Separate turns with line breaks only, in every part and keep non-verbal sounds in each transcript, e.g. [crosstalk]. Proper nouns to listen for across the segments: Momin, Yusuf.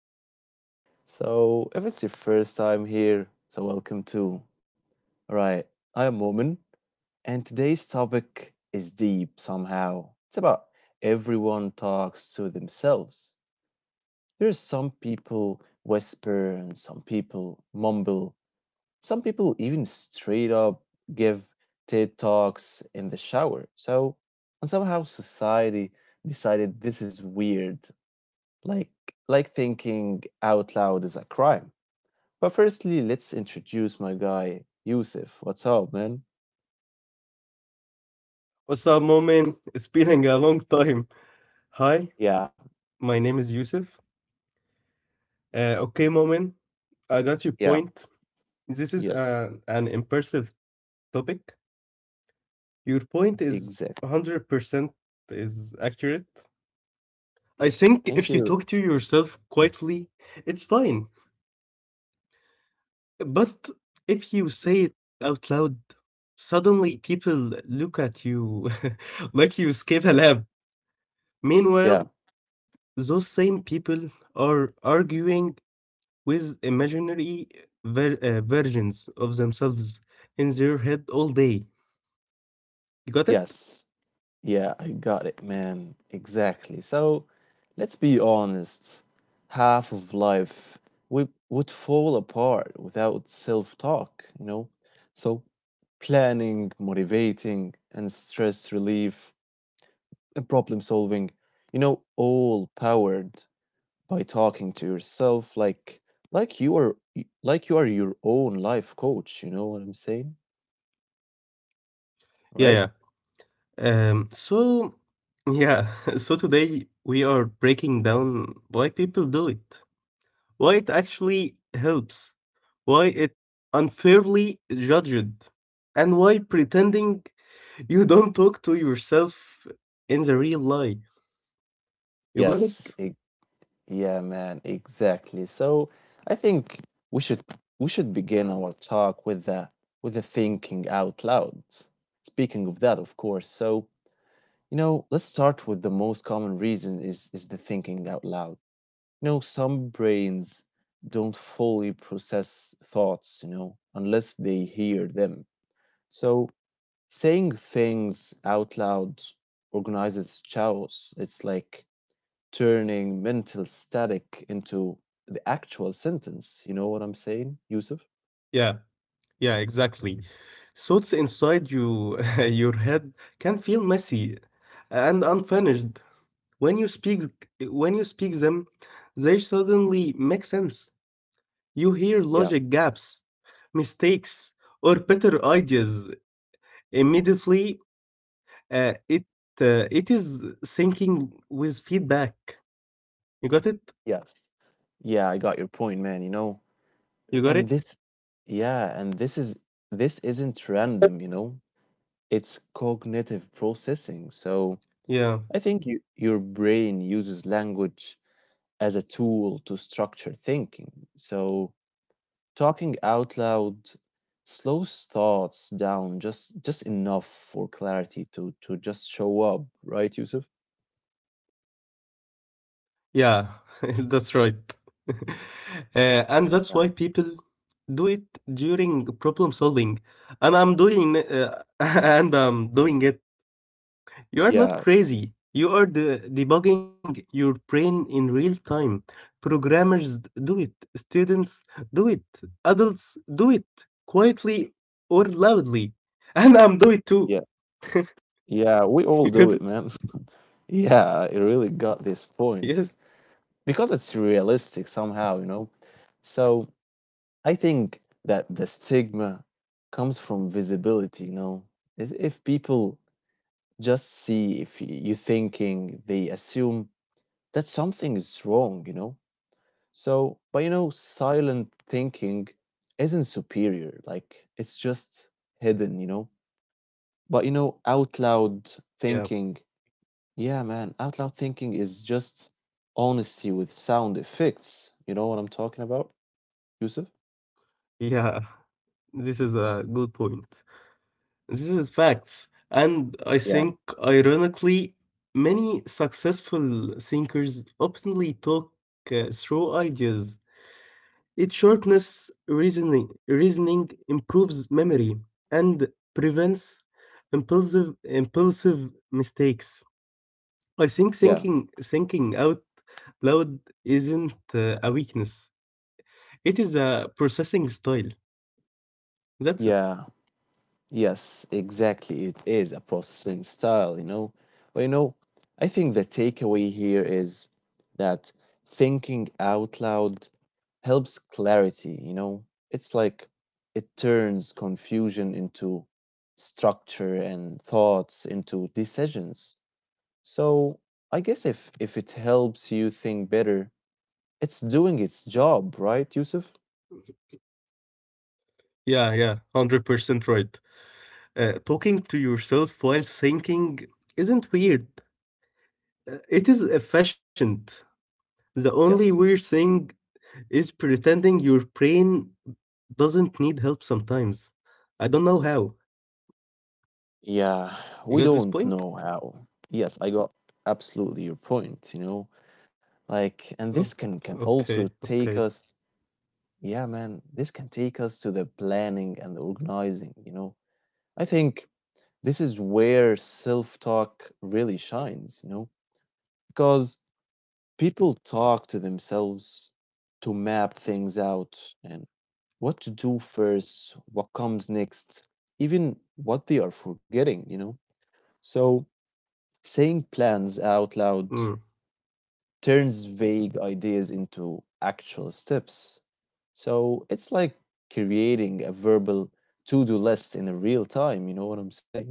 again. If it's your first time here, so welcome too. Right, I'm Woman, and today's topic is deep somehow. It's about everyone talks to themselves. There's some people whisper, and some people mumble. Some people even straight up give TED Talks in the shower. And somehow society decided this is weird, like like thinking out loud is a crime. But firstly, let's introduce my guy Yusuf. What's up, man?
What's up, Momin? It's been a long time. Hi,
Yeah,
my name is Yusuf. Okay, Momin, I got your
yeah,
point. This is
yes,
an impressive topic. Your point is
exact.
100% is accurate. I think
Thank
if you
you.
talk to yourself quietly, it's fine. But if you say it out loud, suddenly people look at you [laughs] like you escape a lab.
Yeah,
Meanwhile, those same people are arguing with imaginary versions of themselves in their head all day. You got it?
yes, yeah, I got it, man. Exactly. So let's be honest. Half of life we would fall apart without self-talk, you know? So planning, motivating, and stress relief and problem solving, you know, all powered by talking to yourself, like you are, like your own life coach, you know what I'm saying? Right?
Yeah, yeah. So, yeah, [laughs] so today we are breaking down why people do it, why it actually helps, why it unfairly judged, and why pretending you don't talk to yourself in the real life. You got it?
Yes, e- yeah, man, exactly. So I think we should we should begin our talk with the, with the thinking out loud. Speaking of that, of course. So, you know, let's start with the most common reason is the thinking out loud. You know, some brains don't fully process thoughts, you know, unless they hear them. So saying things out loud organizes chaos. It's like turning mental static into the actual sentence. You know what I'm saying, Yusuf?
Yeah. Yeah, exactly. Thoughts inside you, [laughs] your head can feel messy and unfinished. When you speak, when you speak them, they suddenly make sense. You hear
Yeah.
logic gaps, mistakes, or better ideas. Immediately, uh, it it is thinking with feedback. You got it?
Yes. Yeah, I got your point, man, you know.
You got it?
And this yeah, and this isn't random, you know. It's cognitive processing. So
Yeah.
I think your brain uses language as a tool to structure thinking. So talking out loud slows thoughts down just enough for clarity to just show up, right, Yusuf?
Yeah, [laughs] that's right. [laughs] And that's why
Yeah.
people do it during problem solving. [laughs] And I'm doing it. You are
Yeah,
not crazy. You are debugging your brain in real time. Programmers do it. Students do it. Adults do it quietly or loudly. [laughs] And I'm do it
yeah,
too.
yeah. We all
[laughs]
do it,
Good.
man. [laughs] Yeah, it really got this point
Yes.
because it's realistic somehow, you know. So I think that the stigma comes from visibility, you know. Is if people just see if y- you thinking, they assume that something is wrong, you know. So, but you know, silent thinking isn't superior, like it's just hidden, you know. But you know, out loud
Yeah.
thinking, yeah, man, out loud thinking is just honesty with sound effects. You know what I'm talking about, Yusuf?
Yeah. This is a good point. This is facts. And I
Yeah.
think, ironically, many successful thinkers openly talk through ideas. It sharpness reasoning, reasoning improves memory, and prevents impulsive mistakes. I think
Yeah,
thinking out loud isn't a weakness, it is a processing style. That's it.
yeah. Yes, exactly. It is a processing style, you know. But you know, I think the takeaway here is that thinking out loud helps clarity, you know. It's like it turns confusion into structure and thoughts into decisions. So, I guess if it helps you think better, it's doing its job, right, Yusuf?
Yeah, yeah, 100% right. Talking to yourself while thinking isn't weird. It is efficient. The only
Yes.
weird thing is pretending your brain doesn't need help sometimes. I don't know how.
Yeah, we
You got
don't
this
know
point?
how. Yes, I got absolutely your point, you know. Like, and this can
Oh,
can also
okay,
take us,
okay.
yeah, man, this can take us to the planning and the organizing, you know. I think this is where self-talk really shines, you know, because people talk to themselves to map things out and what to do first, what comes next, even what they are forgetting, you know. So, saying plans out loud
Mm,
turns vague ideas into actual steps. So it's like creating a verbal to do list in a real time. You know what I'm saying?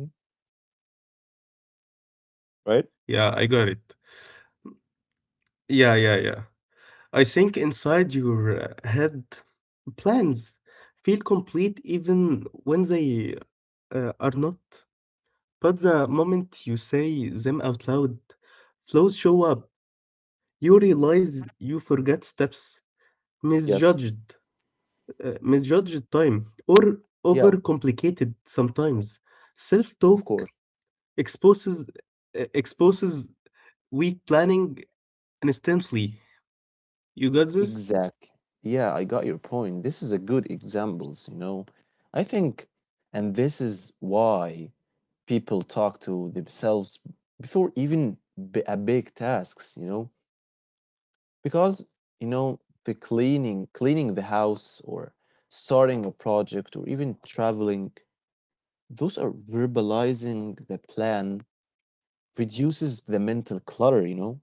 Right?
yeah, I got it. Yeah, yeah, yeah. I think inside your head, plans feel complete even when they are not. But the moment you say them out loud, flaws show up. You realize you forgot steps,
Yes.
misjudged, misjudged time, or
Yeah, of
overcomplicated sometimes.
of
Self-talk
course.
exposes exposes weak planning instantly. You got this?
Exactly. Yeah, I got your point. This is a good examples, you know. I think, and this is why people talk to themselves before even a big tasks, you know, because, you know, the cleaning the house or starting a project or even traveling, those are verbalizing the plan, reduces the mental clutter, you know.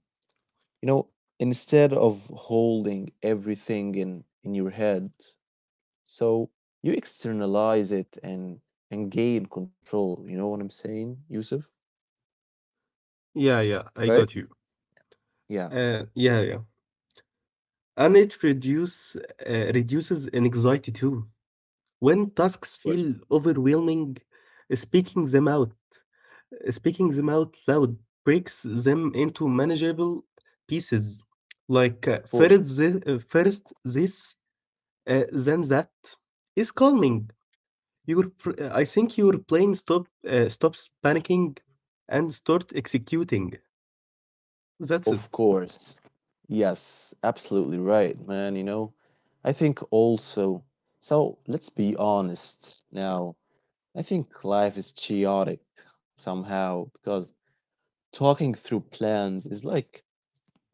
you know instead of holding everything in your head, so you externalize it and gain control, you know what I'm saying, Yusuf?
Yeah, yeah, I
Right?
got you.
Yeah. Of
Yeah, yeah. And it reduces anxiety too. When tasks feel
course.
overwhelming, speaking them out Speaking them out loud breaks them into manageable pieces, like
Of course.
first this, then that, is calming. I think your plane stops panicking and start executing. That's
Of
it.
course. Yes, absolutely right, man. You know, I think also, so let's be honest now. I think life is chaotic somehow because talking through plans is like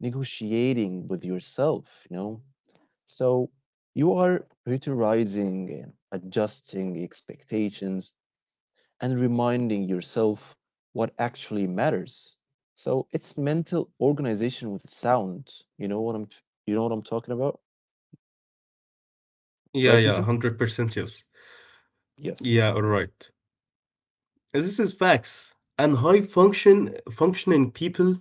negotiating with yourself, you know? So you are prioritizing and adjusting expectations and reminding yourself what actually matters. So it's mental organization with sound. You know what I'm you know what I'm talking about,
Yeah,
right,
yeah,
Yusuf?
100% yes.
Yes.
Yeah, all right. This is facts. And high functioning people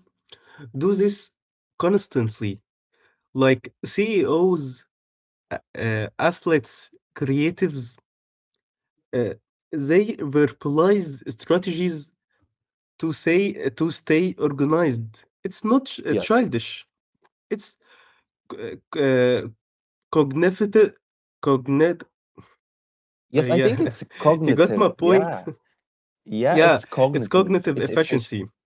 do this constantly. Like CEOs, أ athletes, creatives, uh, they verbalize strategies to say to stay organized. It's not ch
Yes.
childish. It's c c cognitive cognit
Yes, I think
yeah,
it's
[laughs] you got
cognitive.
my point.
Yeah.
[laughs]
Yeah, it's
Yeah, it's
cognitive. It's
cognitive
efficient.
efficiency.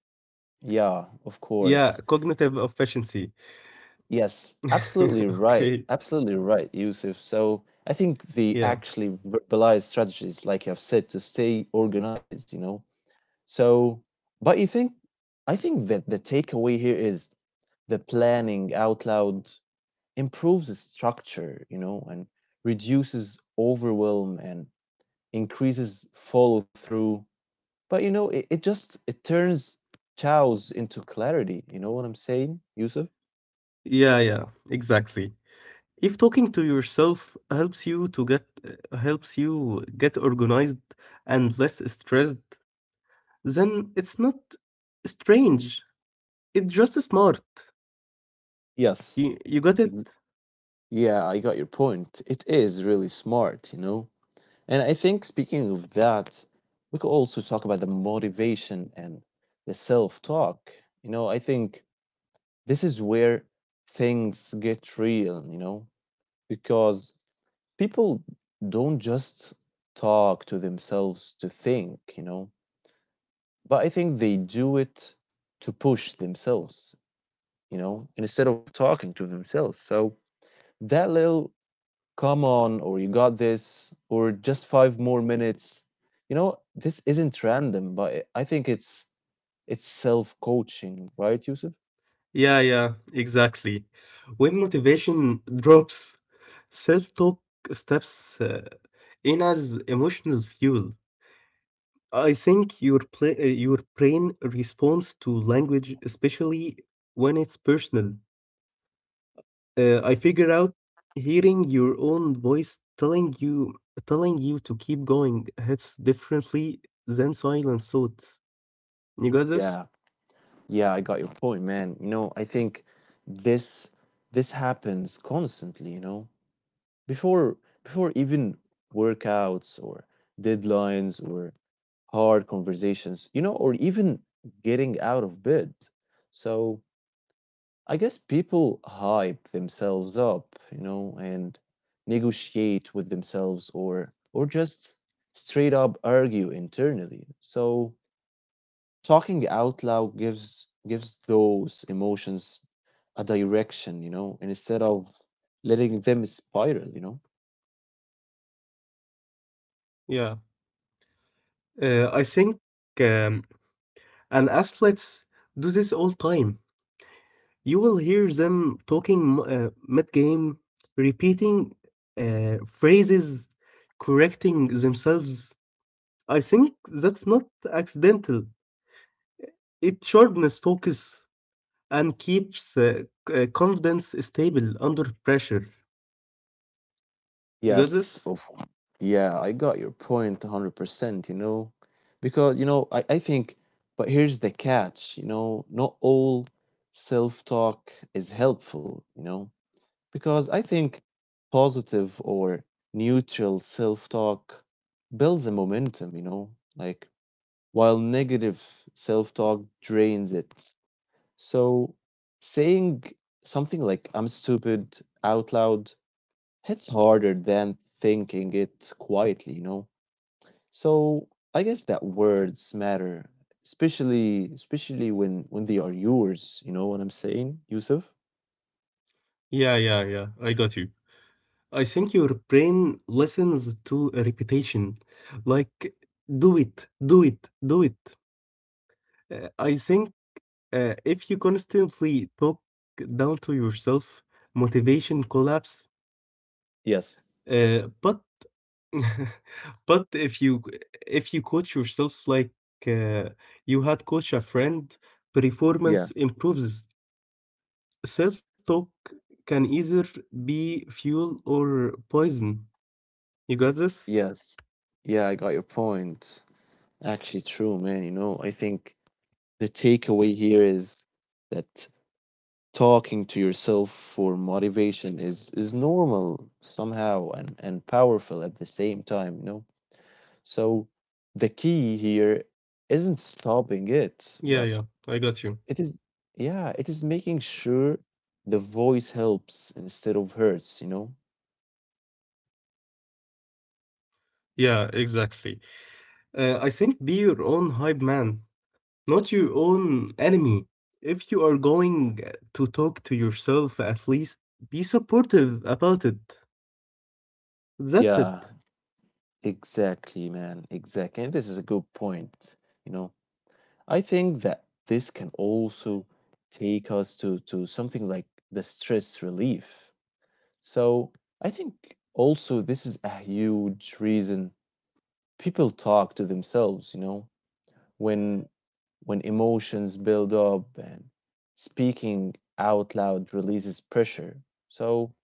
Yeah, of course.
Yeah, cognitive efficiency.
Yes, absolutely
[laughs]
right.
Okay.
Absolutely right, Yusuf. So I think the
Yeah.
actually verbalized strategies, like you have said, to stay organized, you know, so, but you think, I think that the takeaway here is the planning out loud improves the structure, you know, and reduces overwhelm and increases follow through, but you know, it just it turns chaos into clarity. You know what I'm saying, Yusuf?
Yeah, yeah, exactly. If talking to yourself helps you get organized and less stressed, then it's not strange. It's just smart.
Yes.
You got it?
Ex- yeah, I got your point. It is really smart, you know. And I think speaking of that, we could also talk about the motivation and the self talk. You know, I think this is where things get real, you know, because people don't just talk to themselves to think, you know, but I think they do it to push themselves, you know, instead of talking to themselves. So that little come on, or you got this, or just five more minutes. You know, this isn't random, but I think it's self-coaching, right, Yusuf?
Yeah, yeah, exactly. When motivation drops, self-talk steps in as emotional fuel. I think your pla- your brain responds to language, especially when it's personal. I figure out hearing your own voice telling you to keep going hits differently than silent thoughts. You got this?
Yeah, yeah, I got your point, man. You know, I think this this happens constantly, you know. before before even workouts or deadlines or hard conversations, you know, or even getting out of bed. So I guess people hype themselves up, you know, and negotiate with themselves or just straight up argue internally. So talking out loud gives those emotions a direction, you know, and instead of letting them spiral, you know.
Yeah. I think um, and athletes do this all time. You will hear them talking mid game, repeating phrases, correcting themselves. I think that's not accidental. It sharpens focus and keeps confidence stable under pressure. You got this?
Yes, of yeah, I got your point, 100%, you know. Because, you know, I think, but here's the catch, you know, not all self-talk is helpful, you know, because I think positive or neutral self-talk builds a momentum, you know, like while negative self-talk drains it. So saying something like I'm stupid out loud, it's harder than thinking it quietly, you know? So I guess that words matter, especially when they are yours, you know what I'm saying, Yusuf?
Yeah, yeah, yeah. I got you. I think your brain listens to a repetition, like do it, do it, do it. I think if you constantly talk down to yourself, motivation collapse.
Yes.
But [laughs] but if you coach yourself like uh, you had coached a friend,
Yeah.
performance improves. Self talk can either be fuel or poison. You got this?
Yes. Yeah, I got your point. Actually true, man, you know, I think the takeaway here is that talking to yourself for motivation is normal somehow and powerful at the same time, you know. So the key here isn't stopping it,
Yeah,
but
yeah, I got you.
it is, yeah, it is making sure the voice helps instead of hurts, you know.
Yeah, exactly. I think be your own hype man, not your own enemy. If you are going to talk to yourself, at least be supportive about it. That's
Yeah,
it.
exactly, man, exactly. And this is a good point, you know. I think that this can also take us to something like the stress relief. So I think also this is a huge reason people talk to themselves, you know, when emotions build up and speaking out loud releases pressure. So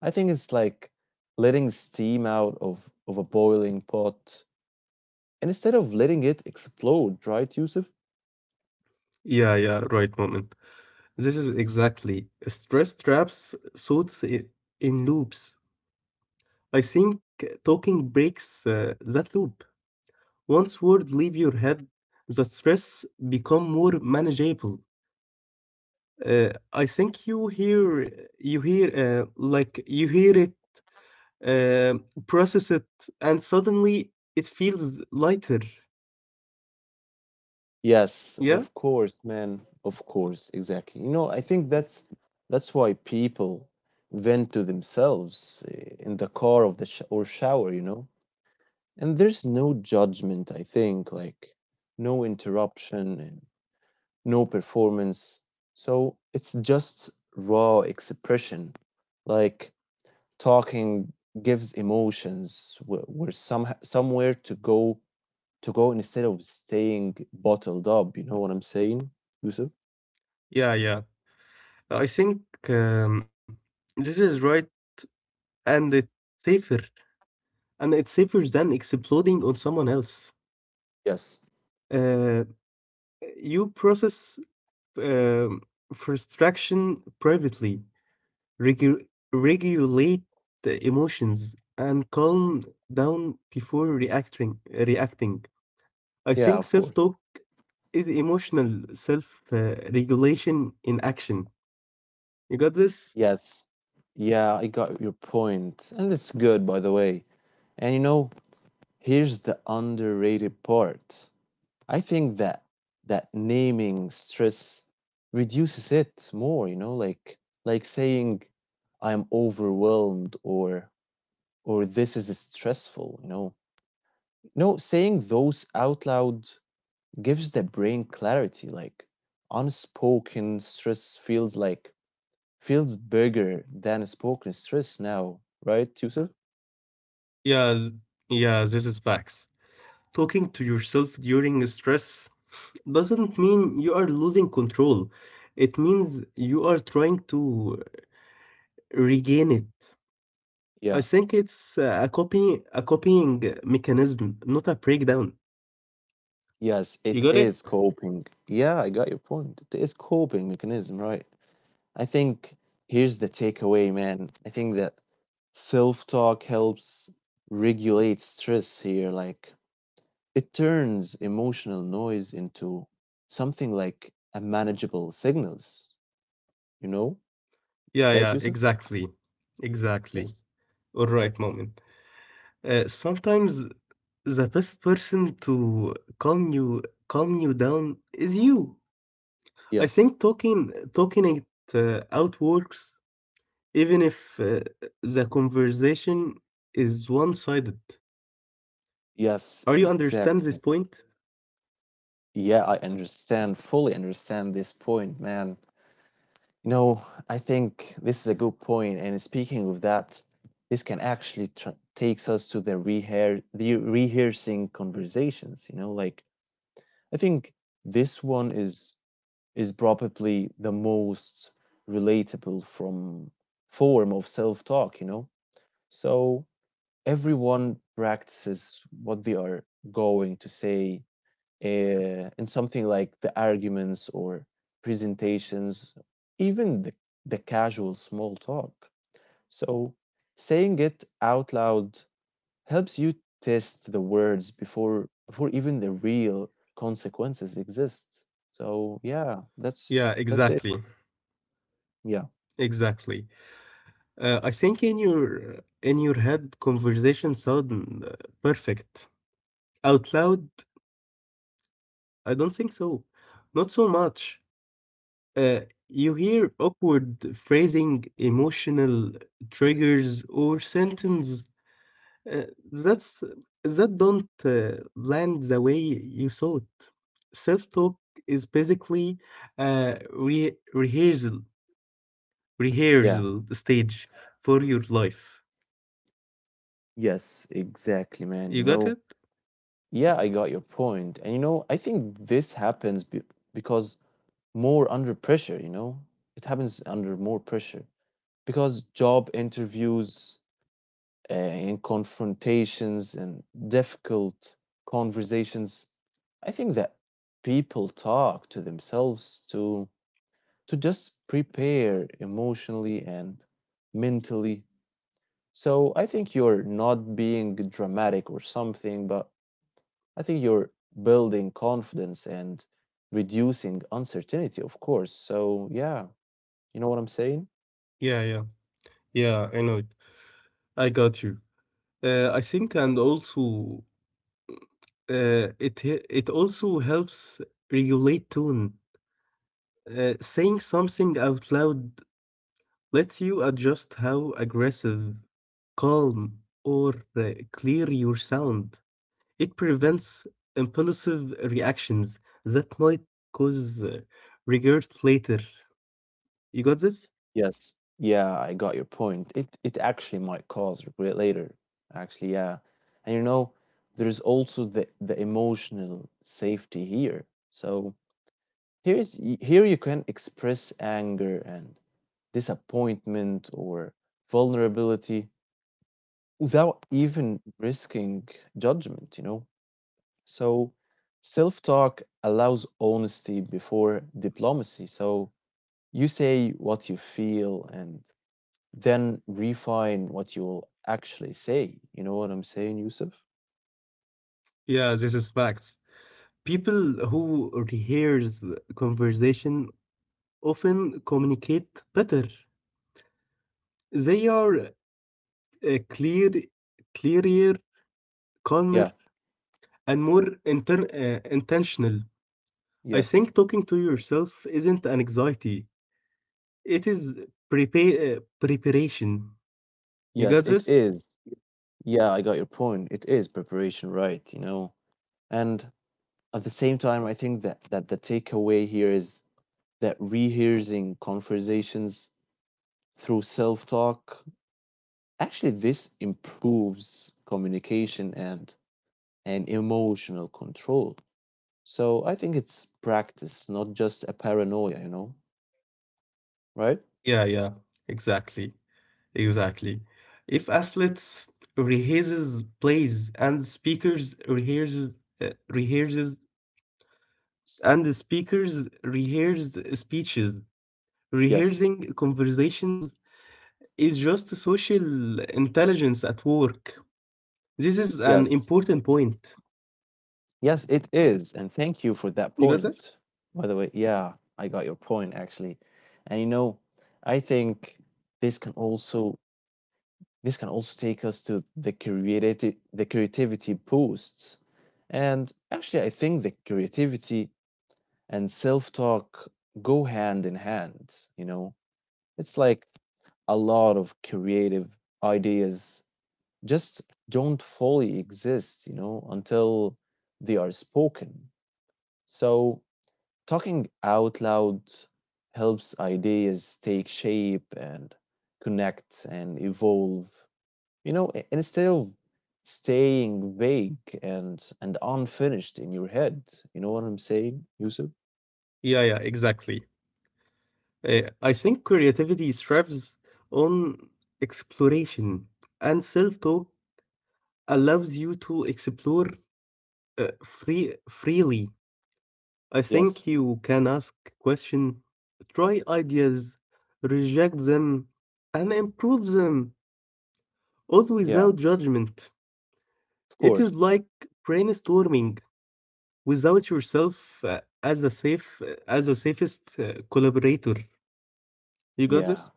I think it's like letting steam out of a boiling pot, and instead of letting it explode, right, Yusuf?
Yeah, yeah, right, moment. This is exactly. Stress traps thoughts in loops. I think talking breaks that loop. Once words leave your head, the stress become more manageable. I think you hear you hear you hear it, uh, process it, and suddenly it feels lighter.
Yes,
Yeah,
of course, man. Of course, exactly. You know, I think that's why people vent to themselves in the car of the sh or shower, you know. And there's no judgment, I think, like no interruption, no performance. So it's just raw expression. Like talking gives emotions where some somewhere to go instead of staying bottled up. You know what I'm saying, Yusuf?
yeah, yeah. I think um, this is right, and it's safer and it's safer than exploding on someone else.
Yes.
Uh, you process um frustration privately, regu- regulate the emotions, and calm down before reacting. Reacting. I think
Yeah, of course.
self-talk is emotional self-regulation in action. You got this?
Yes. Yeah, I got your point. And it's good, by the way. And you know, here's the underrated part. I think that naming stress reduces it more, you know, like saying I am overwhelmed or this is stressful, you know. No, saying those out loud gives the brain clarity, like unspoken stress feels bigger than spoken stress now, right, Yusuf?
Yeah, th- yeah, this is facts. Talking to yourself during stress doesn't mean you are losing control. It means you are trying to regain it. I
Yeah.
think it's a copying mechanism, not a breakdown.
Yes, it
You got
is
it?
coping. Yeah, I got your point. It is coping mechanism, right? I think here's the takeaway, man. I think that self-talk helps regulate stress here. Like it turns emotional noise into something like a manageable signals, you know?
Yeah,
Right,
yeah,
Yusuf?
exactly. Exactly.
Yes.
All right, moment. Sometimes the best person to calm you calm you down is you. I
Yes.
think talking it out works even if the conversation is one-sided.
Yes,
Are you understand this
exactly.
point?
Yeah, I understand, fully understand this point, man. You know, I think this is a good point. And speaking of that, this can actually tr takes us to the rehearsing conversations, you know, like I think this one is probably the most relatable from form of self-talk, you know. So everyone practices what they are going to say in something like the arguments or presentations, even the casual small talk. So, saying it out loud helps you test the words before even the real consequences exist. So, yeah, that's
Yeah,
that's it.
exactly,
Yeah.
exactly. I think in your head conversation sound perfect. Out loud, I don't think so. Not so much. Uh, you hear awkward phrasing, emotional triggers, or sentence Uh, that's that don't land the way you thought. Self-talk is basically rehearsal,
Yeah.
rehearsal stage for your life.
Yes, exactly, man.
You
You
got it?
know, yeah, I got your point. And you know, I think this happens because more under pressure, you know? It happens under more pressure. Because job interviews, and confrontations and difficult conversations, I think that people talk to themselves to just prepare emotionally and mentally. So I think you're not being dramatic or something, but I think you're building confidence and reducing uncertainty, of course. So yeah, you know what I'm saying?
Yeah, yeah, yeah, I know it. I got you. I think, and also it also helps regulate tone. Saying something out loud lets you adjust how aggressive, calm, or clear your sound. It prevents impulsive reactions that might cause regrets later. You got this?
Yes. Yeah, I got your point. It actually might cause regret later. Actually, yeah. And you know, there's also the emotional safety here. So here you can express anger and disappointment or vulnerability without even risking judgment, you know. So self-talk allows honesty before diplomacy. So you say what you feel and then refine what you will actually say. You know what I'm saying, Yusuf?
Yeah, this is facts. People who rehearse conversation often communicate better. They are uh, clear, clearer, calmer,
Yeah,
and more intentional. I
yes,
think talking to yourself isn't an anxiety. It is prepare preparation. You got
yes, it
this?
is. Yeah, I got your point. It is preparation, right? You know, and at the same time, I think that the takeaway here is that rehearsing conversations through self-talk actually this improves communication and emotional control. So I think it's practice, not just a paranoia, you know, right?
Yeah, yeah, exactly, exactly. If athletes rehearses plays and speakers rehearses rehearses
S-
and the speakers rehearse speeches,
Yes.
rehearsing conversations is just social intelligence at work. This is an
Yes.
important point.
Yes, it is. And thank you for that
You got this?
point. By the way, yeah, I got your point actually. And you know, I think this can also take us to the creativity boosts. And actually I think the creativity and self-talk go hand in hand, you know. It's like a lot of creative ideas just don't fully exist, you know, until they are spoken. So talking out loud helps ideas take shape and connect and evolve, you know, instead of staying vague and unfinished in your head. You know what I'm saying, Yusuf?
Yeah, yeah, exactly. I think creativity thrives on exploration, and self-talk allows you to explore freely. I
Yes.
think you can ask questions, try ideas, reject them, and improve them, all without
Yeah,
judgment.
of
It is
course.
like brainstorming without yourself as a safest collaborator. You got
Yeah.
this?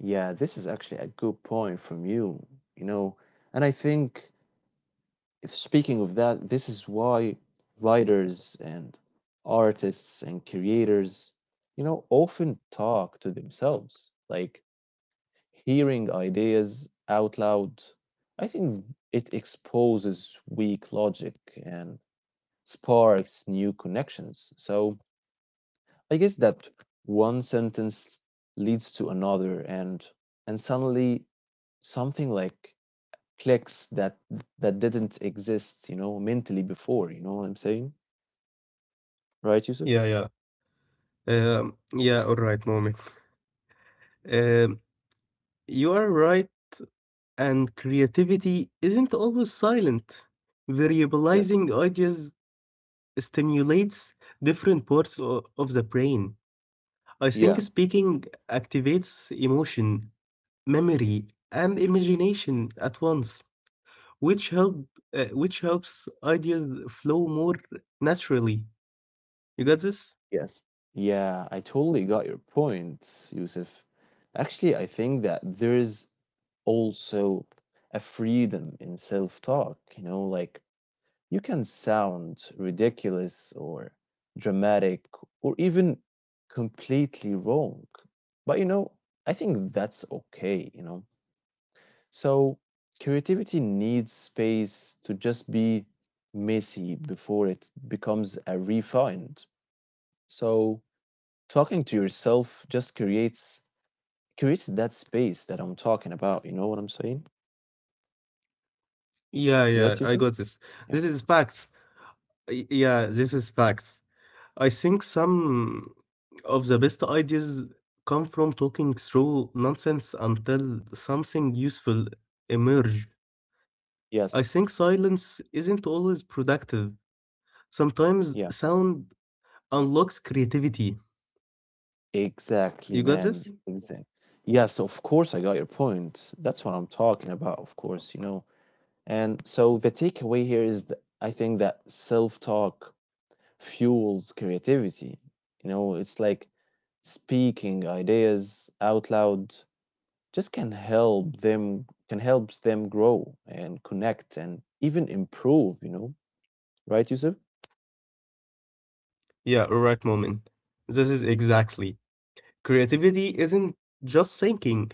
Yeah, this is actually a good point from you, you know. And I think, if speaking of that, this is why writers and artists and creators, you know, often talk to themselves. Like hearing ideas out loud, I think it exposes weak logic and sparks new connections. So I guess that one sentence leads to another, and suddenly something like clicks that didn't exist, you know, mentally before. You know what I'm saying? Right,
Yeah,
Yusuf?
yeah. Yeah, all right, moment. Um, you are right, and creativity isn't always silent.
Yes.
Variabilizing ideas stimulates different parts of the brain. I think
Yeah.
speaking activates emotion, memory, and imagination at once, which help which helps ideas flow more naturally. You got this?
Yes. Yeah, I totally got your point, Yusuf. Actually, I think that there is also a freedom in self-talk, you know, like you can sound ridiculous or dramatic or even completely wrong. But you know, I think that's okay, you know. So creativity needs space to just be messy before it becomes a refined. So talking to yourself just creates that space that I'm talking about. You know what I'm saying?
Yeah, yeah,
Yes,
I
Yusuf?
got this.
Yeah.
This is facts. Yeah, this is facts. I think some of the best ideas come from talking through nonsense until something useful emerge. I
Yes.
think silence isn't always productive. Sometimes
Yeah.
sound unlocks creativity.
Exactly,
You got
man.
this?
Exactly. Yes, of course I got your point. That's what I'm talking about, of course, you know. And so the takeaway here is that I think that self talk fuels creativity. You know, it's like speaking ideas out loud just can helps them grow and connect and even improve, you know. Right, Yusuf?
Yeah, right moment. This is exactly. Creativity isn't just thinking,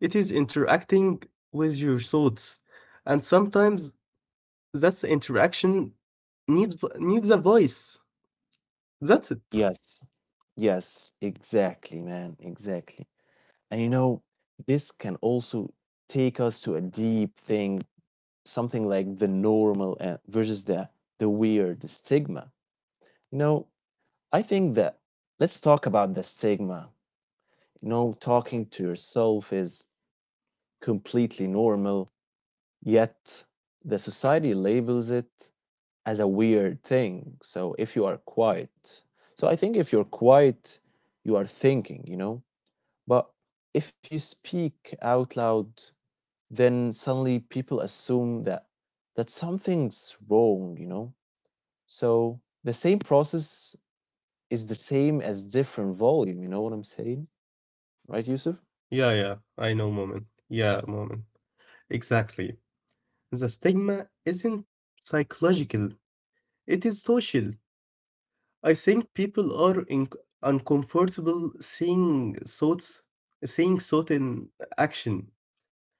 it is interacting with your thoughts. And sometimes that interaction needs a voice. That's it.
Yes. Yes, exactly, man. Exactly. And you know, this can also take us to a deep thing, something like the normal and versus the weird stigma. You know, I think that let's talk about the stigma. You know, talking to yourself is completely normal, yet the society labels it as a weird thing. So I think if you're quiet, you are thinking, you know, but if you speak out loud, then suddenly people assume that something's wrong, you know. So the same process is the same as different volume. You know what I'm saying? Right, Yusuf?
Yeah, yeah, I know, Moment. Yeah, Moment. Exactly. The stigma isn't psychological, it is social. I think people are uncomfortable seeing thought in action.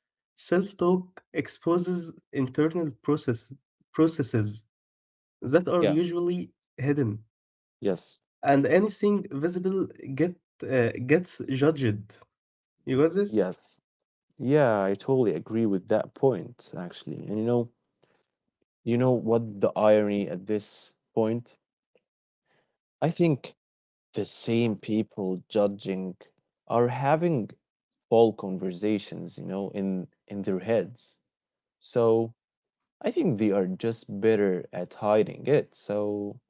Self-talk exposes internal processes that are
Yeah.
usually hidden,
Yes.
and anything visible get gets judged. You got this?
Yes. Yeah, I totally agree with that point, actually. And you know what the irony at this point? I think the same people judging are having full conversations, you know, in their heads. So I think they are just better at hiding it. So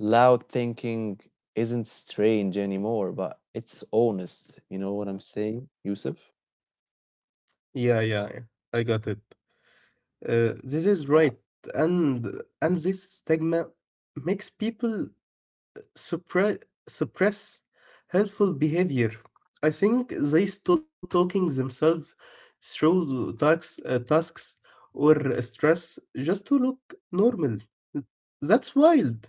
loud thinking isn't strange anymore, but it's honest. You know what I'm saying, Yusuf?
Yeah, yeah, yeah. I got it. This is
Yeah.
right, and this stigma makes people suppress suppress helpful behavior. I think they stop talking themselves through tasks, or stress just to look normal. That's wild.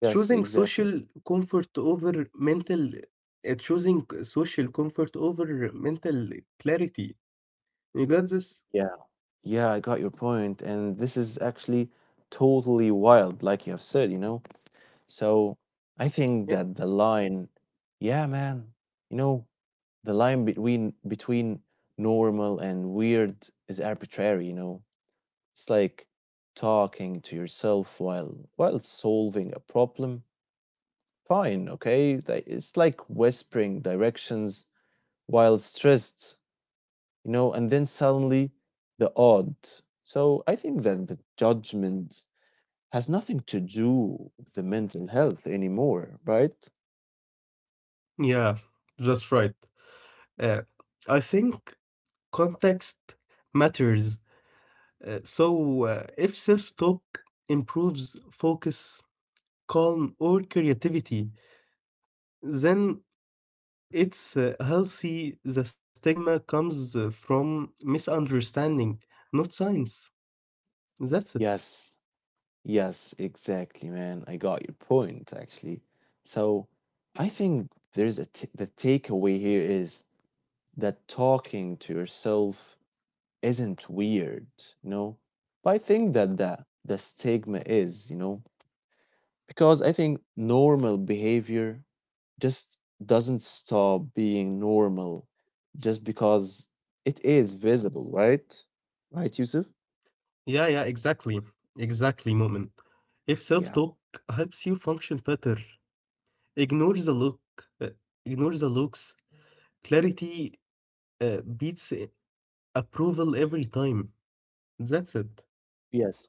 Yes,
Choosing
exactly.
social comfort over mental, choosing social comfort over mental clarity. You got this?
Yeah. Yeah, I got your point. And this is actually totally wild, like you have said, you know? So I think
Yeah.
that the line, yeah, man, you know, the line between normal and weird is arbitrary, you know? It's like talking to yourself while solving a problem, fine, okay? It's like whispering directions while stressed, you know, and then suddenly the odd. So I think that the judgment has nothing to do with the mental health anymore, right?
Yeah, that's right. Uh, I think context matters. If self talk improves focus, calm, or creativity, then it's healthy. The stigma comes from misunderstanding, not science. That's it.
Yes, yes, exactly, man. I got your point, actually. So I think there's the takeaway here is that talking to yourself isn't weird, you know? But I think that the stigma is, you know, because I think normal behavior just doesn't stop being normal just because it is visible, right? Right, Yusuf?
Yeah, yeah, exactly. Exactly, moment. If self
Yeah.
talk helps you function better, ignore the look, uh, ignore the looks. Clarity beats approval every time. That's it.
Yes.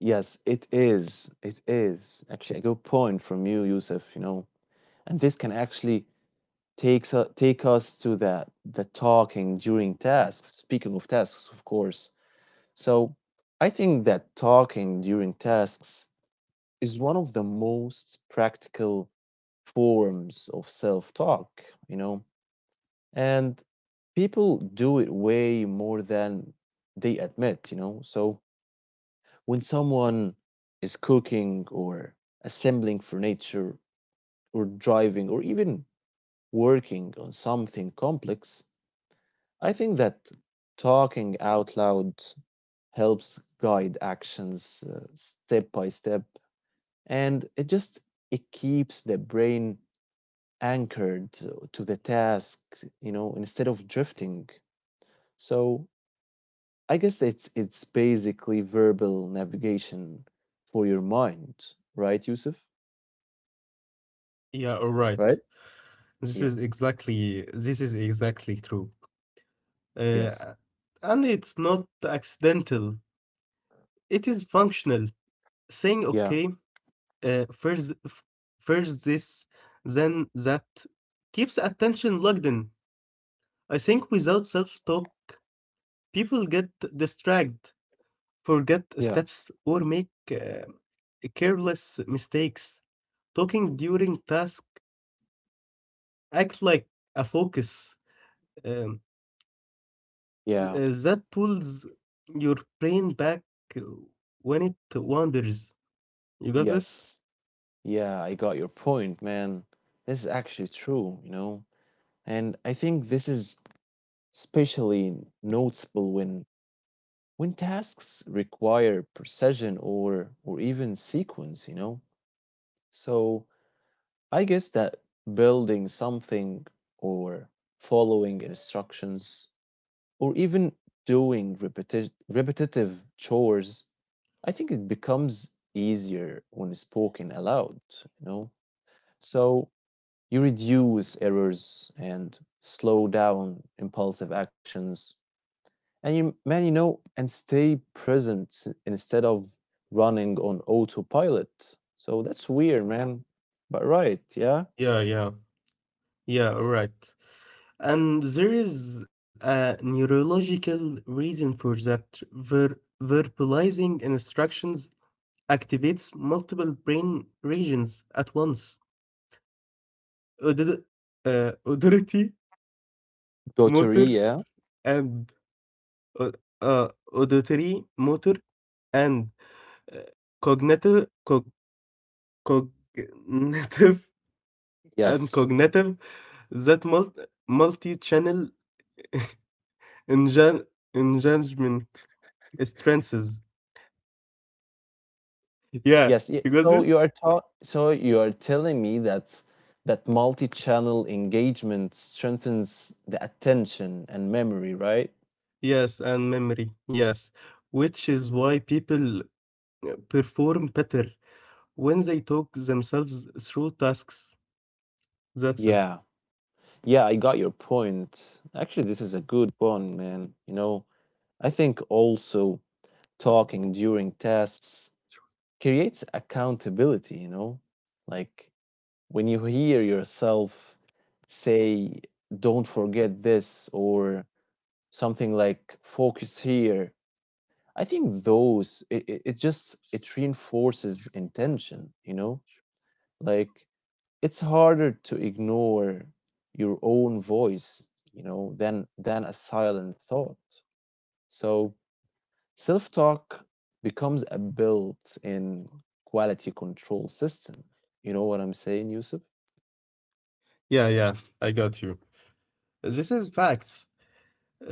Yes, it is. It is. Actually, a good point from you, Yusuf, you know. And this can actually take us to the talking during tasks. Speaking of tasks, of course. So I think that talking during tasks is one of the most practical forms of self-talk, you know. And people do it way more than they admit, you know. So when someone is cooking or assembling furniture or driving or even working on something complex, I think that talking out loud helps guide actions step by step, and it just it keeps the brain anchored to the task, you know, instead of drifting. So I guess it's basically verbal navigation for your mind, right, Yusuf?
Yeah, all right.
Right? Yes.
This is exactly true.
Yes.
Uh, and it's not accidental. It is functional. Saying
Yeah.
okay, uh, first f- first this, then that keeps attention locked in. I think without self-talk, people get distracted, forget
Yeah.
steps, or make careless mistakes. Talking during task act like a focus um,
Yeah.
that pulls your brain back uh, when it wanders. You got this?
Yes. Yeah, I got your point, man. This is actually true, you know? And I think this is especially noticeable when tasks require precision or even sequence, you know? So I guess that building something or following instructions or even doing repetitive chores, I think it becomes easier when spoken aloud, you know? So you reduce errors and slow down impulsive actions. And you, man, you know, and stay present instead of running on autopilot. So that's weird, man. But right, yeah.
Yeah, yeah, yeah. All right. And there is a neurological reason for that. Verbalizing instructions activates multiple brain regions at once. Audit- auditory, motor,
Doteria,
and au auditory, motor, and uh, cognitive, cog, cognitive, [laughs] and
yes,
cognitive that multi-channel engagement strengths. Yeah,
yes.
you got this?
So you are taught. So you are telling me that that multi-channel engagement strengthens the attention and memory, right?
Yes, and memory. Yes, which is why people perform better when they talk themselves through tasks. That's it.
Yeah. Yeah, I got your point. Actually, this is a good one, man. You know, I think also talking during tests creates accountability, you know? Like when you hear yourself say, don't forget this, or something like focus here. I think those, it reinforces intention, you know? Like it's harder to ignore your own voice, you know, than a silent thought. So self-talk becomes a built-in quality control system. You know what I'm saying, Yusuf?
Yeah, I got you. This is facts.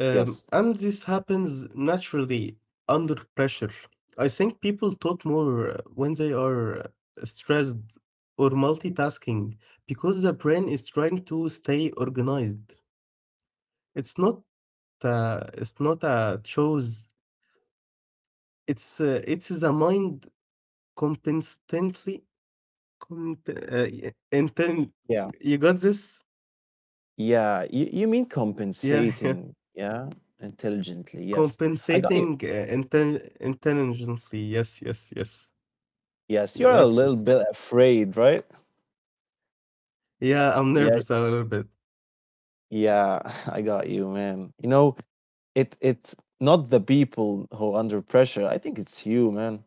Yes.
And this happens naturally under pressure. I think people talk more when they are stressed or multitasking because the brain is trying to stay organized. It's not it's not a choice. It's it is a mind competently comp- uh, y- inten-
Yeah.
you got this?
Yeah, you mean
Yeah, [laughs] yeah.
compensating, yeah, intelligently. Yes, I
Compensating
got you.
intelligently. Yes.
Yes,
That's
you're a
it.
little bit afraid, right?
Yeah, I'm
Yeah,
nervous a little bit.
yeah, [laughs] I got you, man, you know. It's not the people who under pressure. I think it's you, man.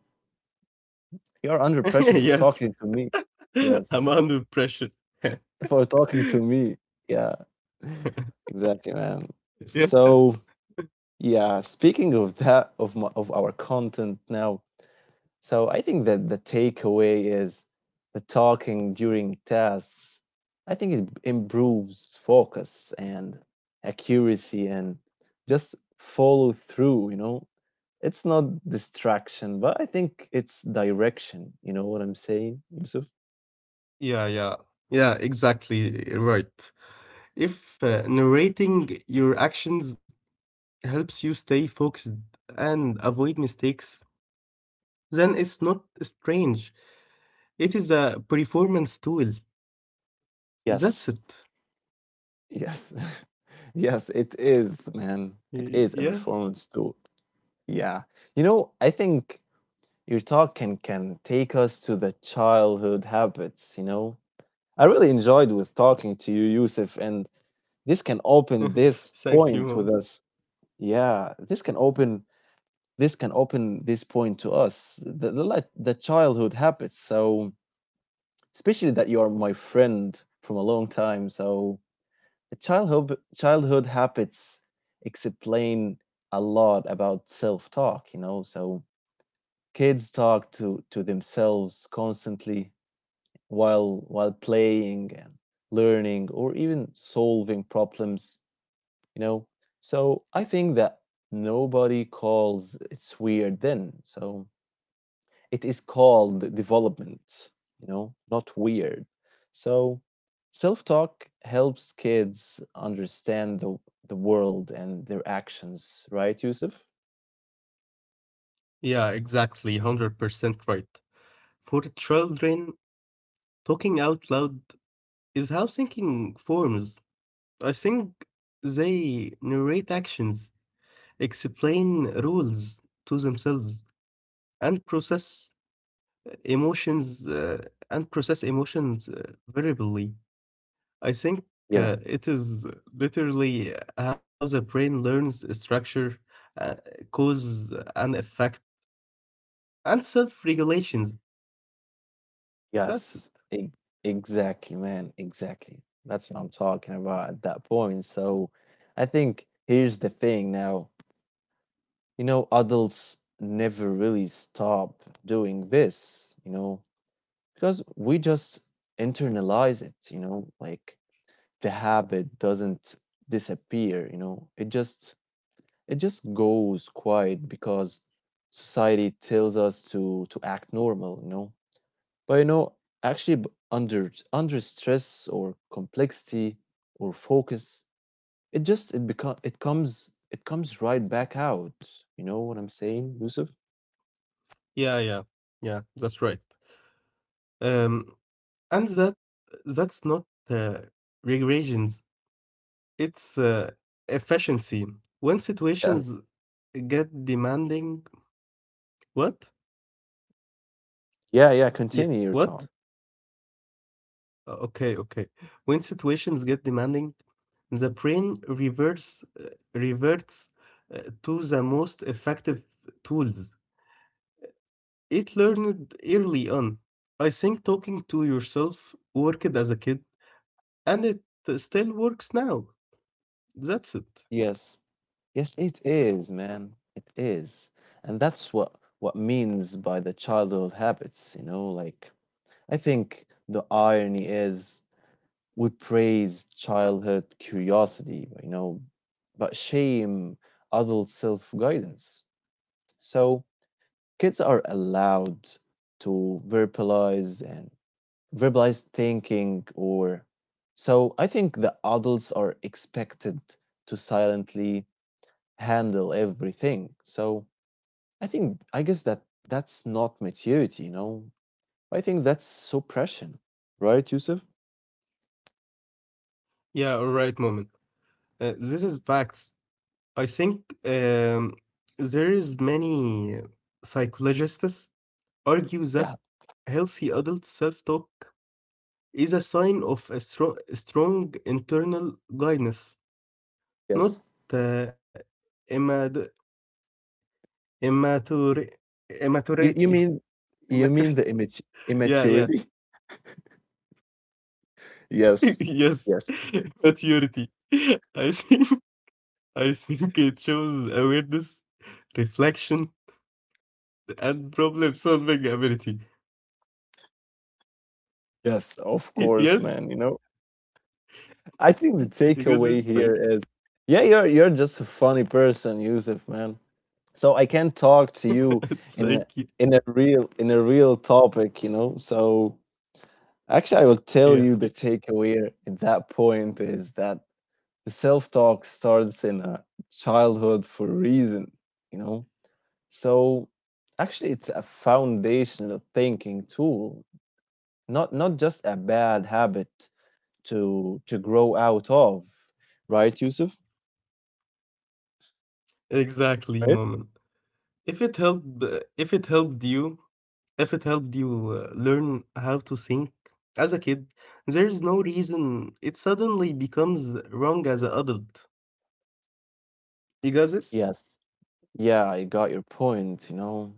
You are
[laughs]
under pressure for
Yes,
talking to me.
[laughs] I'm
Yes,
under pressure. [laughs]
for talking to me. Yeah, [laughs] exactly, man. So
Yes.
yeah, speaking of that, of our content now, so I think that the takeaway is the talking during tests. I think it improves focus and accuracy and just follow through, you know. It's not distraction, but I think it's direction. You know what I'm saying, Yusuf?
Yeah, yeah. Yeah, exactly right. If narrating your actions helps you stay focused and avoid mistakes, then it's not strange. It is a performance tool.
Yes.
That's it.
Yes. [laughs] Yes, it is, man. It is a
Yeah,
performance too. Yeah. You know, I think your talk can take us to the childhood habits, you know? I really enjoyed with talking to you, Yusuf, and this can open this point
thank
with
you.
us.
Mom.
Yeah, this can open this point to us. Like the childhood habits. So especially that you are my friend from a long time. So the childhood habits explain a lot about self talk. You know, so kids talk to themselves constantly while playing and learning or even solving problems, you know. So I think that nobody calls it's weird then. So it is called development, you know, not weird. So self talk helps kids understand the world and their actions, right, Yusuf?
Yeah, exactly. 100% right. For children, talking out loud is how thinking forms. I think they narrate actions, explain rules to themselves, and process emotions variably. I think
Yeah.
it is literally how the brain learns structure, uh, cause and effect, and self-regulations. That's it.
Yes, exactly, man. Exactly. That's what I'm talking about at that point. So I think here's the thing now, you know, adults never really stop doing this, you know, because we just internalize it, you know, like the habit doesn't disappear, you know, it just goes quiet because society tells us to act normal, you know. But you know, actually, under stress or complexity or focus, it just it comes right back out. You know what I'm saying, Yusuf?
Yeah, yeah, yeah. That's right. Um, and that's not uh, regressions. It's efficiency. When situations
Yes.
get demanding, what?
Yeah, yeah.
Yeah,
Continue your
what?
talk.
Okay, okay. When situations get demanding, the brain reverts to the most effective tools it learned early on. I think talking to yourself worked as a kid, and it still works now. That's it.
Yes. Yes, it is, man. It is. And that's what means by the childhood habits, you know. Like I think the irony is we praise childhood curiosity, you know, but shame adult self guidance. So kids are allowed to verbalize and verbalize thinking, or so I think the adults are expected to silently handle everything. So I guess that that's not maturity, you know. I think that's suppression, right, Yusuf?
Yeah, all right, moment. This is facts. I think there is many psychologists argue that
Yeah.
healthy adult self-talk is a sign of a strong internal guidance, not
Yes.
uh, immat- immature, immaturity.
You mean
[laughs] Immaturity.
you mean the
Yeah, yeah.
immaturity? [laughs]
[laughs]
Yes,
yes,
yes,
[laughs] maturity. [laughs] I think I think it shows awareness, reflection, and problem-solving ability.
yes. Of
[laughs]
course,
Yes,
man. You know, I think the
you got
takeaway
this point.
here is, yeah, you're just a funny person, Yusuf, man. So I can talk to you
[laughs] Thank
in
you.
a- in a real topic, So actually, I will tell
Yeah,
you the
yeah,
takeaway at that point is that the self talk starts in a childhood for a reason, you know So actually, it's a foundational thinking tool, not just a bad habit to grow out of, right, Yusuf?
exactly,
Right?
moment. If it helped, if it helped you, if it helped you learn how to think as a kid, there's no reason it suddenly becomes wrong as an adult. You got this?
Yes. Yeah, I got your point,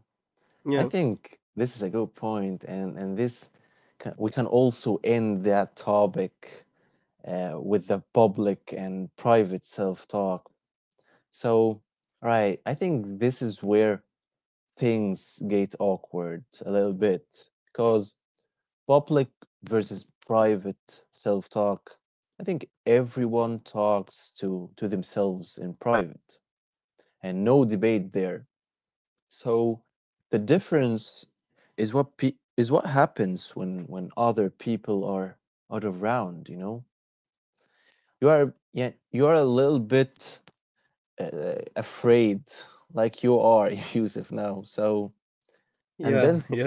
Yeah,
I think this is a good point, and this we can also end that topic with the public and private self-talk. So, right, I think this is where things get awkward a little bit because public versus private self-talk. I think everyone talks to themselves in private, and no debate there. So the difference is is what happens when other people are around, you know. You are, yeah, you are a little bit afraid, like you are [laughs] Yusuf now. So
yeah,
and
[laughs]
then
yeah,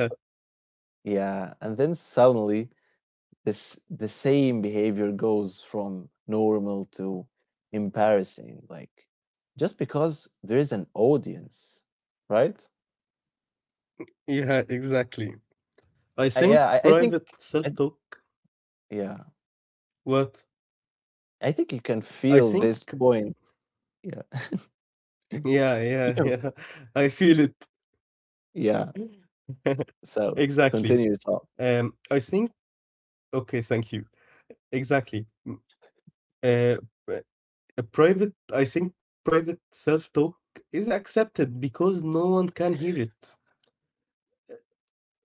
Yeah, and then suddenly this the same behavior goes from normal to embarrassing, like just because there is an audience, right?
yeah, exactly. I
I,
think
yeah, I think,
private
I,
self-talk.
yeah,
What?
I think you can
I
feel
think.
this point. Yeah, [laughs] you
Yeah.
can.
[laughs] I feel it.
Yeah,
[laughs]
so
Exactly.
continue your talk.
I think. Okay, thank you. Exactly. Uh, I think private self-talk is accepted because no one can hear it.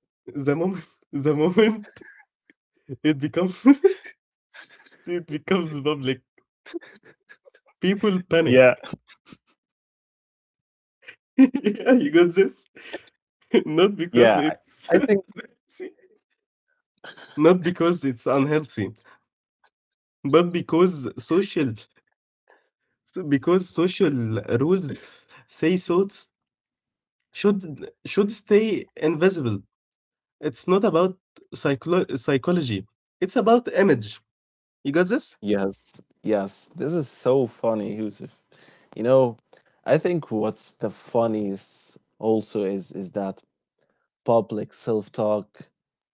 The moment, [laughs] The moment it becomes, [laughs] it becomes public, people panic.
Yeah,
[laughs] yeah, you got this. [laughs] Not because
yeah,
it's,
I think
[laughs] see, not because it's unhealthy, but because social rules say thoughts should stay invisible. It's not about psychology. It's about image. You got this?
yes, yes. This is so funny, Yusuf. You know, I think what's the funniest also is that public self talk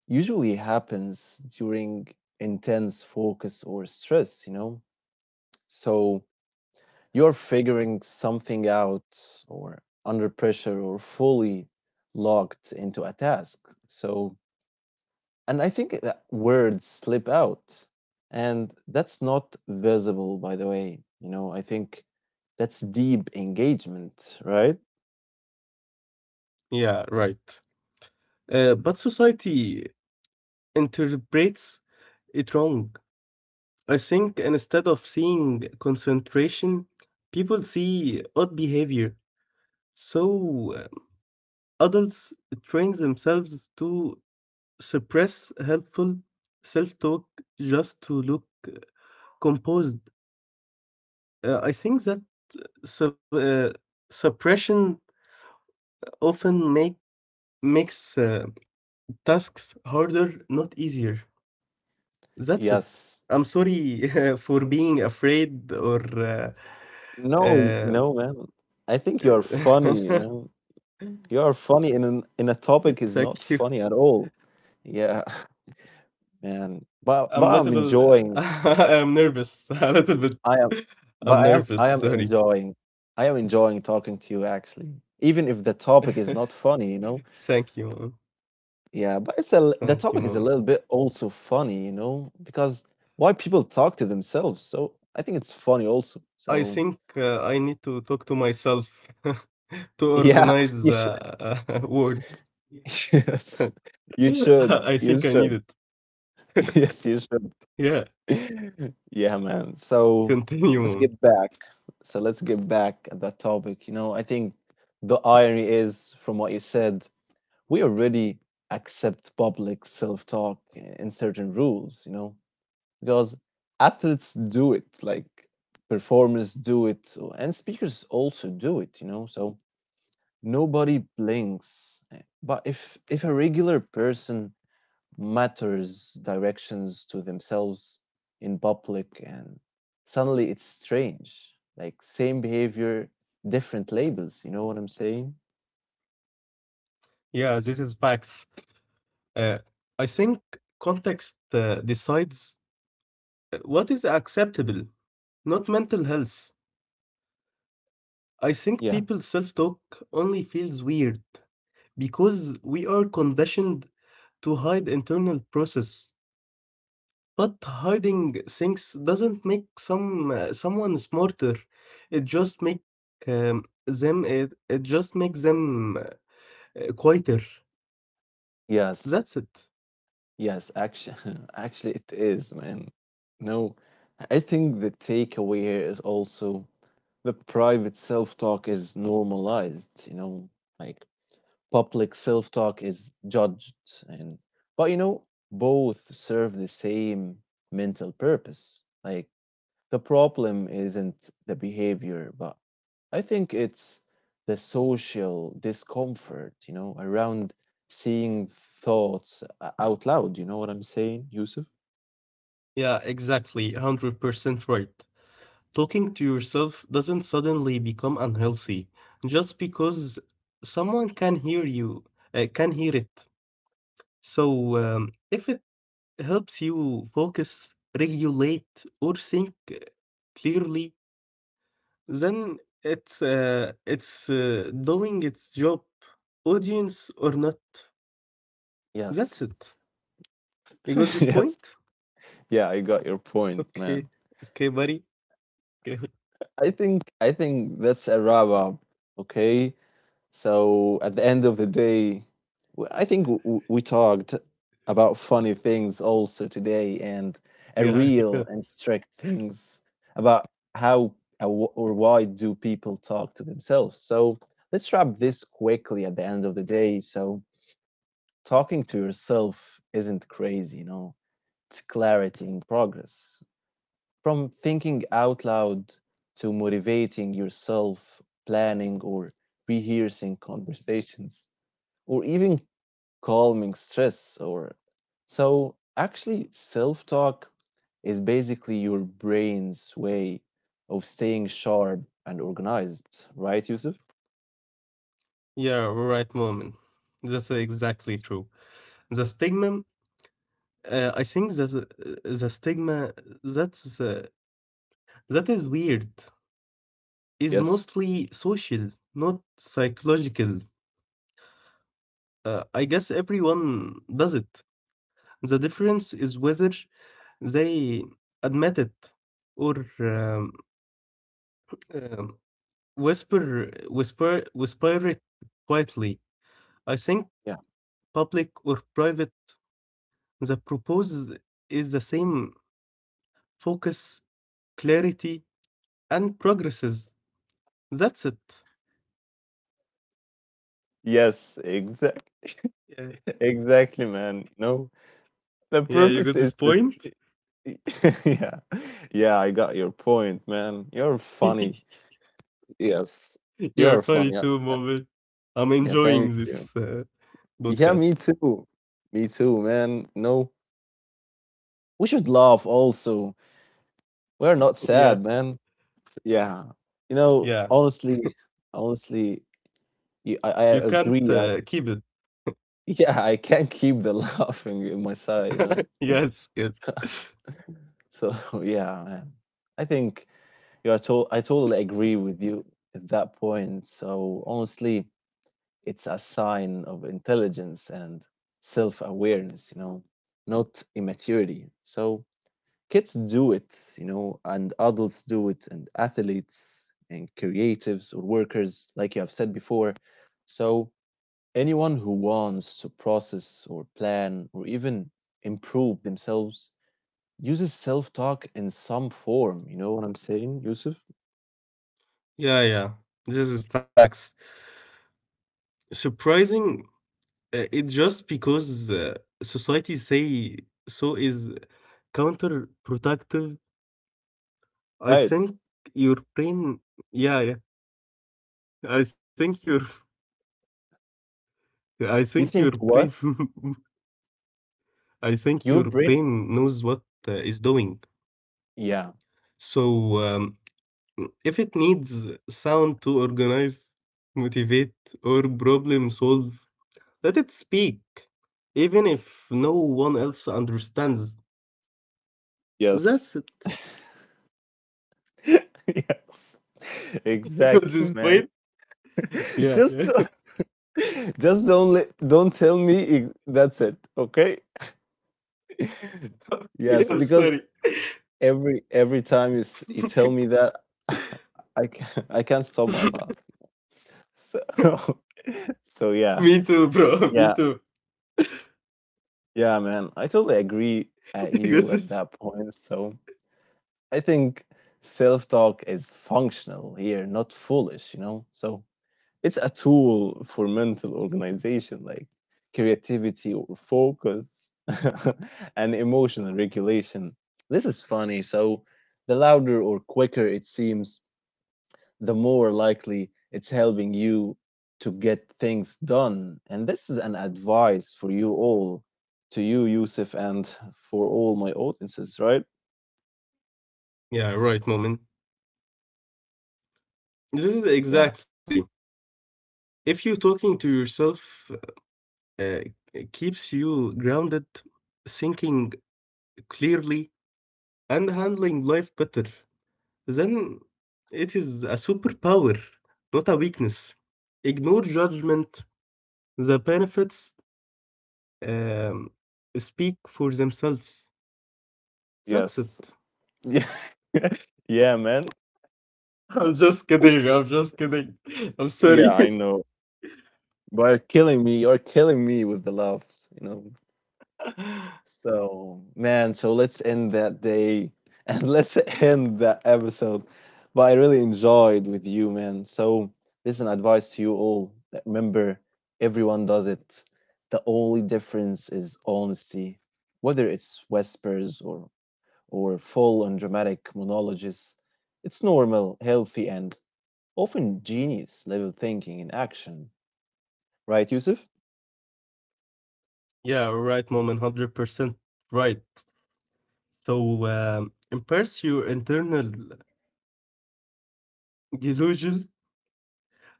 usually happens during intense focus or stress, you know? So you're figuring something out or under pressure or fully locked into a task. So, and I think that words slip out. And that's not visible, by the way. You know, I think that's deep engagement, right?
Yeah, right. But society interprets it wrong. I think instead of seeing concentration, people see odd behavior. So adults train themselves to suppress helpful self talk just to look composed. I think that su- uh, suppression often make, makes tasks harder, not easier. That's it.
Yes.
I'm sorry [laughs] for being afraid or
No,
um,
no, man. I think you're
[laughs]
funny, man. You are funny in in a topic
thank
is
you.
not funny at all. Yeah, [laughs] man.
I'm
But I'm
little [laughs]
enjoying.
I'm nervous [laughs] a little bit.
I am.
I'm
But I am.
nervous,
I am
sorry.
enjoying. I am enjoying talking to you actually, even if the topic
[laughs]
is not funny. You know.
Thank you, mom.
Yeah, but
Thank you,
the topic
mom.
is a little bit also funny. You know, because why people talk to themselves. So I think it's funny also.
I
So
think I need to talk to myself [laughs] to
yeah,
organize
[laughs]
the
you should.
[laughs] words.
[laughs] Yes,
[laughs]
you should.
I think
You
I need
should.
it.
[laughs] Yes, you should.
Yeah,
[laughs] Yeah, man. So
continue,
let's
mom.
get back. So let's get back at that topic. You know, I think the irony is from what you said, we already accept public self talk in certain rules, you know, because athletes do it, like performers do it, and speakers also do it, you know, so nobody blinks. Eh, but if a regular person matters directions to themselves in public, and suddenly it's strange, like same behavior, different labels, you know what I'm saying?
Yeah, this is facts. Uh, I think context decides what is acceptable, not mental health. I think
Yeah,
people's self talk only feels weird because we are conditioned to hide internal process. But hiding things doesn't make someone smarter. It just make it just makes them quieter.
yes,
That's it.
yes, actually. [laughs] Actually it is, man. No, I think the takeaway here is also the private self talk is normalized, you know, like public self talk is judged, and but you know, both serve the same mental purpose. Like, the problem isn't the behavior, but I think it's the social discomfort, you know, around seeing thoughts out loud. You know what I'm saying, Yusuf?
Yeah, exactly. 100% right. Talking to yourself doesn't suddenly become unhealthy just because someone can hear you, can hear it. So, if it helps you focus, regulate, or think clearly, then it's doing its job, audience or not. That's
Yes.
it. You got
[laughs]
this
Yes.
point?
Yeah, I got your point, man.
Okay, okay, buddy. Okay. [laughs]
I think that's a wrap up. Okay. So at the end of the day, I think we talked about funny things also today and a
Yeah,
real
yeah,
and strict things about how or why do people talk to themselves. So let's wrap this quickly at the end of the day. So talking to yourself isn't crazy, you know. It's clarity in progress. From thinking out loud to motivating yourself, planning or rehearsing conversations, or even calming stress, or so actually self-talk is basically your brain's way of staying sharp and organized, right, Yusuf?
yeah. Right, moment. That's exactly true. The stigma I think that the stigma that's uh, that is weird is
Yes.
mostly social, not psychological. I guess everyone does it. The difference is whether they admit it or um, whisper it quietly. I think
Yeah.
public or private, the propose is the same focus, clarity, and progresses. That's it.
Yes, exact
Yeah,
[laughs] exactly, man. No, the
yeah, you
purpose
got
is
this
this.
point. [laughs]
[laughs] Yeah, yeah, I got your point, man. You're funny. Yes,
You are
you're fun.
funny
Yeah,
too,
uh,
Mobil. I'm
yeah. Thank
enjoying
you.
this
Yeah, me
podcast.
too. Me too, man. No, we should laugh also. We're not sad,
Yeah,
man. Yeah, you know.
yeah.
Honestly, honestly, I
You can't
agree.
keep it.
[laughs] Yeah, I can't keep the [laughs] laughing in my side. You know.
Yes.
So [laughs] yeah, man. I think you are. I totally agree with you at that point. So honestly, it's a sign of intelligence and self awareness, you know, not immaturity. So kids do it, you know, and adults do it, and athletes and creatives or workers, like you have said before. So anyone who wants to process or plan or even improve themselves uses self talk in some form. You know what I'm saying, Yusuf?
Yeah, yeah. This is facts. Surprising, it just because society say so is counterproductive. I
Right.
think your brain. Yeah, yeah. I think your. I think your
You think
brain.
what?
[laughs] I think your
Your brain.
brain knows what is doing.
Yeah.
So, if it needs sound to organize, motivate, or problem solve, let it speak, even if no one else understands.
Yes.
That's it.
[laughs] Yes.
Because
Exactly,
this
man.
point?
[laughs]
Yeah,
Just
yeah.
don't-
[laughs]
[laughs] just don't let, don't tell me it, that's it, okay? [laughs] Yes,
Okay, I'm
because
sorry.
every time you you tell
[laughs]
me that, [laughs] I can't stop my laugh. So [laughs] so yeah.
Me too, bro. [laughs] Me
Yeah,
too.
yeah, man, I totally agree at
[laughs]
you
Because
at that
it's...
point. So I think self talk is functional here, not foolish, you know? So it's a tool for mental organization, like creativity or focus [laughs] and emotional regulation. This is funny. So the louder or quicker it seems, the more likely it's helping you to get things done. And this is an advice for you all, to you, Yusuf, and for all my audiences, right?
Yeah, right, moment. This is
Yeah.
exactly. If you talking to yourself uh, it keeps you grounded, thinking clearly, and handling life better, then it is a superpower, not a weakness. Ignore judgment. The benefits um, speak for themselves. That's
Yes.
it.
[laughs] Yeah. Yeah, man.
[laughs] I'm just kidding. I'm just kidding. [laughs] I'm
Yeah,
sorry.
I know. But you're killing me. You're killing me with the laughs, you know.
[laughs]
So, man, so let's end that day [laughs] and let's end that episode. But I really enjoyed with you, man. So, this is advice to you all. That remember, everyone does it. The only difference is honesty. Whether it's whispers or full and dramatic monologues, it's normal, healthy, and often genius level thinking in action. Right, Yusuf?
yeah, right, mom, 100% right. So, embrace your internal delusion.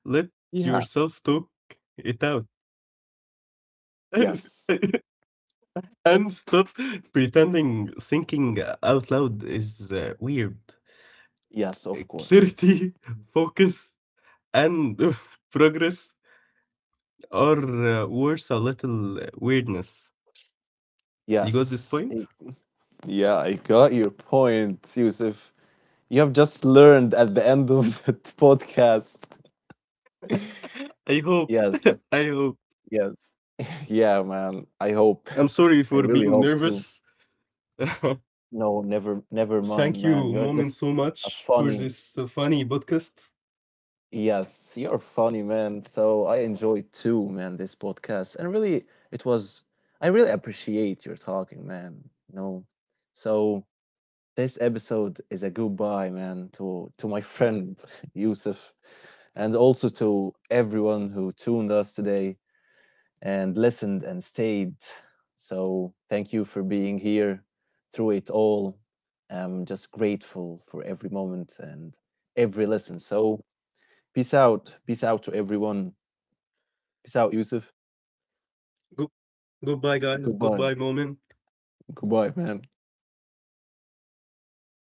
Let
Yeah.
yourself talk it out.
Yes.
[laughs] And stop pretending thinking out loud is weird.
Yes, of course.
Clarity, [laughs] focus, and [laughs] progress are worth a little weirdness. You got this
Yes.
point?
Yeah, I got your point, Yusuf. You have just learned at the end of [laughs] that podcast. [laughs]
I hope.
Yes,
[laughs] I hope.
yes. [laughs] Yeah, man. I hope.
I'm sorry
[laughs] I
for
really
being
hope to.
nervous. [laughs]
No, never mind,
Thank
man. You're
you,
just
Moment, so
a
much
funny.
for this funny podcast.
Yes, you're funny, man. So I enjoyed too, man, this podcast. And really, it was, I really appreciate your talking, man. You know, so. This episode is a goodbye, man, to my friend [laughs] Yusuf, and also to everyone who tuned us today and listened and stayed. So thank you for being here through it all. I'm just grateful for every moment and every listen. So peace out to everyone. Peace out, Yusuf.
Go- Goodbye, guys. Goodbye,
Goodbye,
Moment.
goodbye, man.
Goodbye.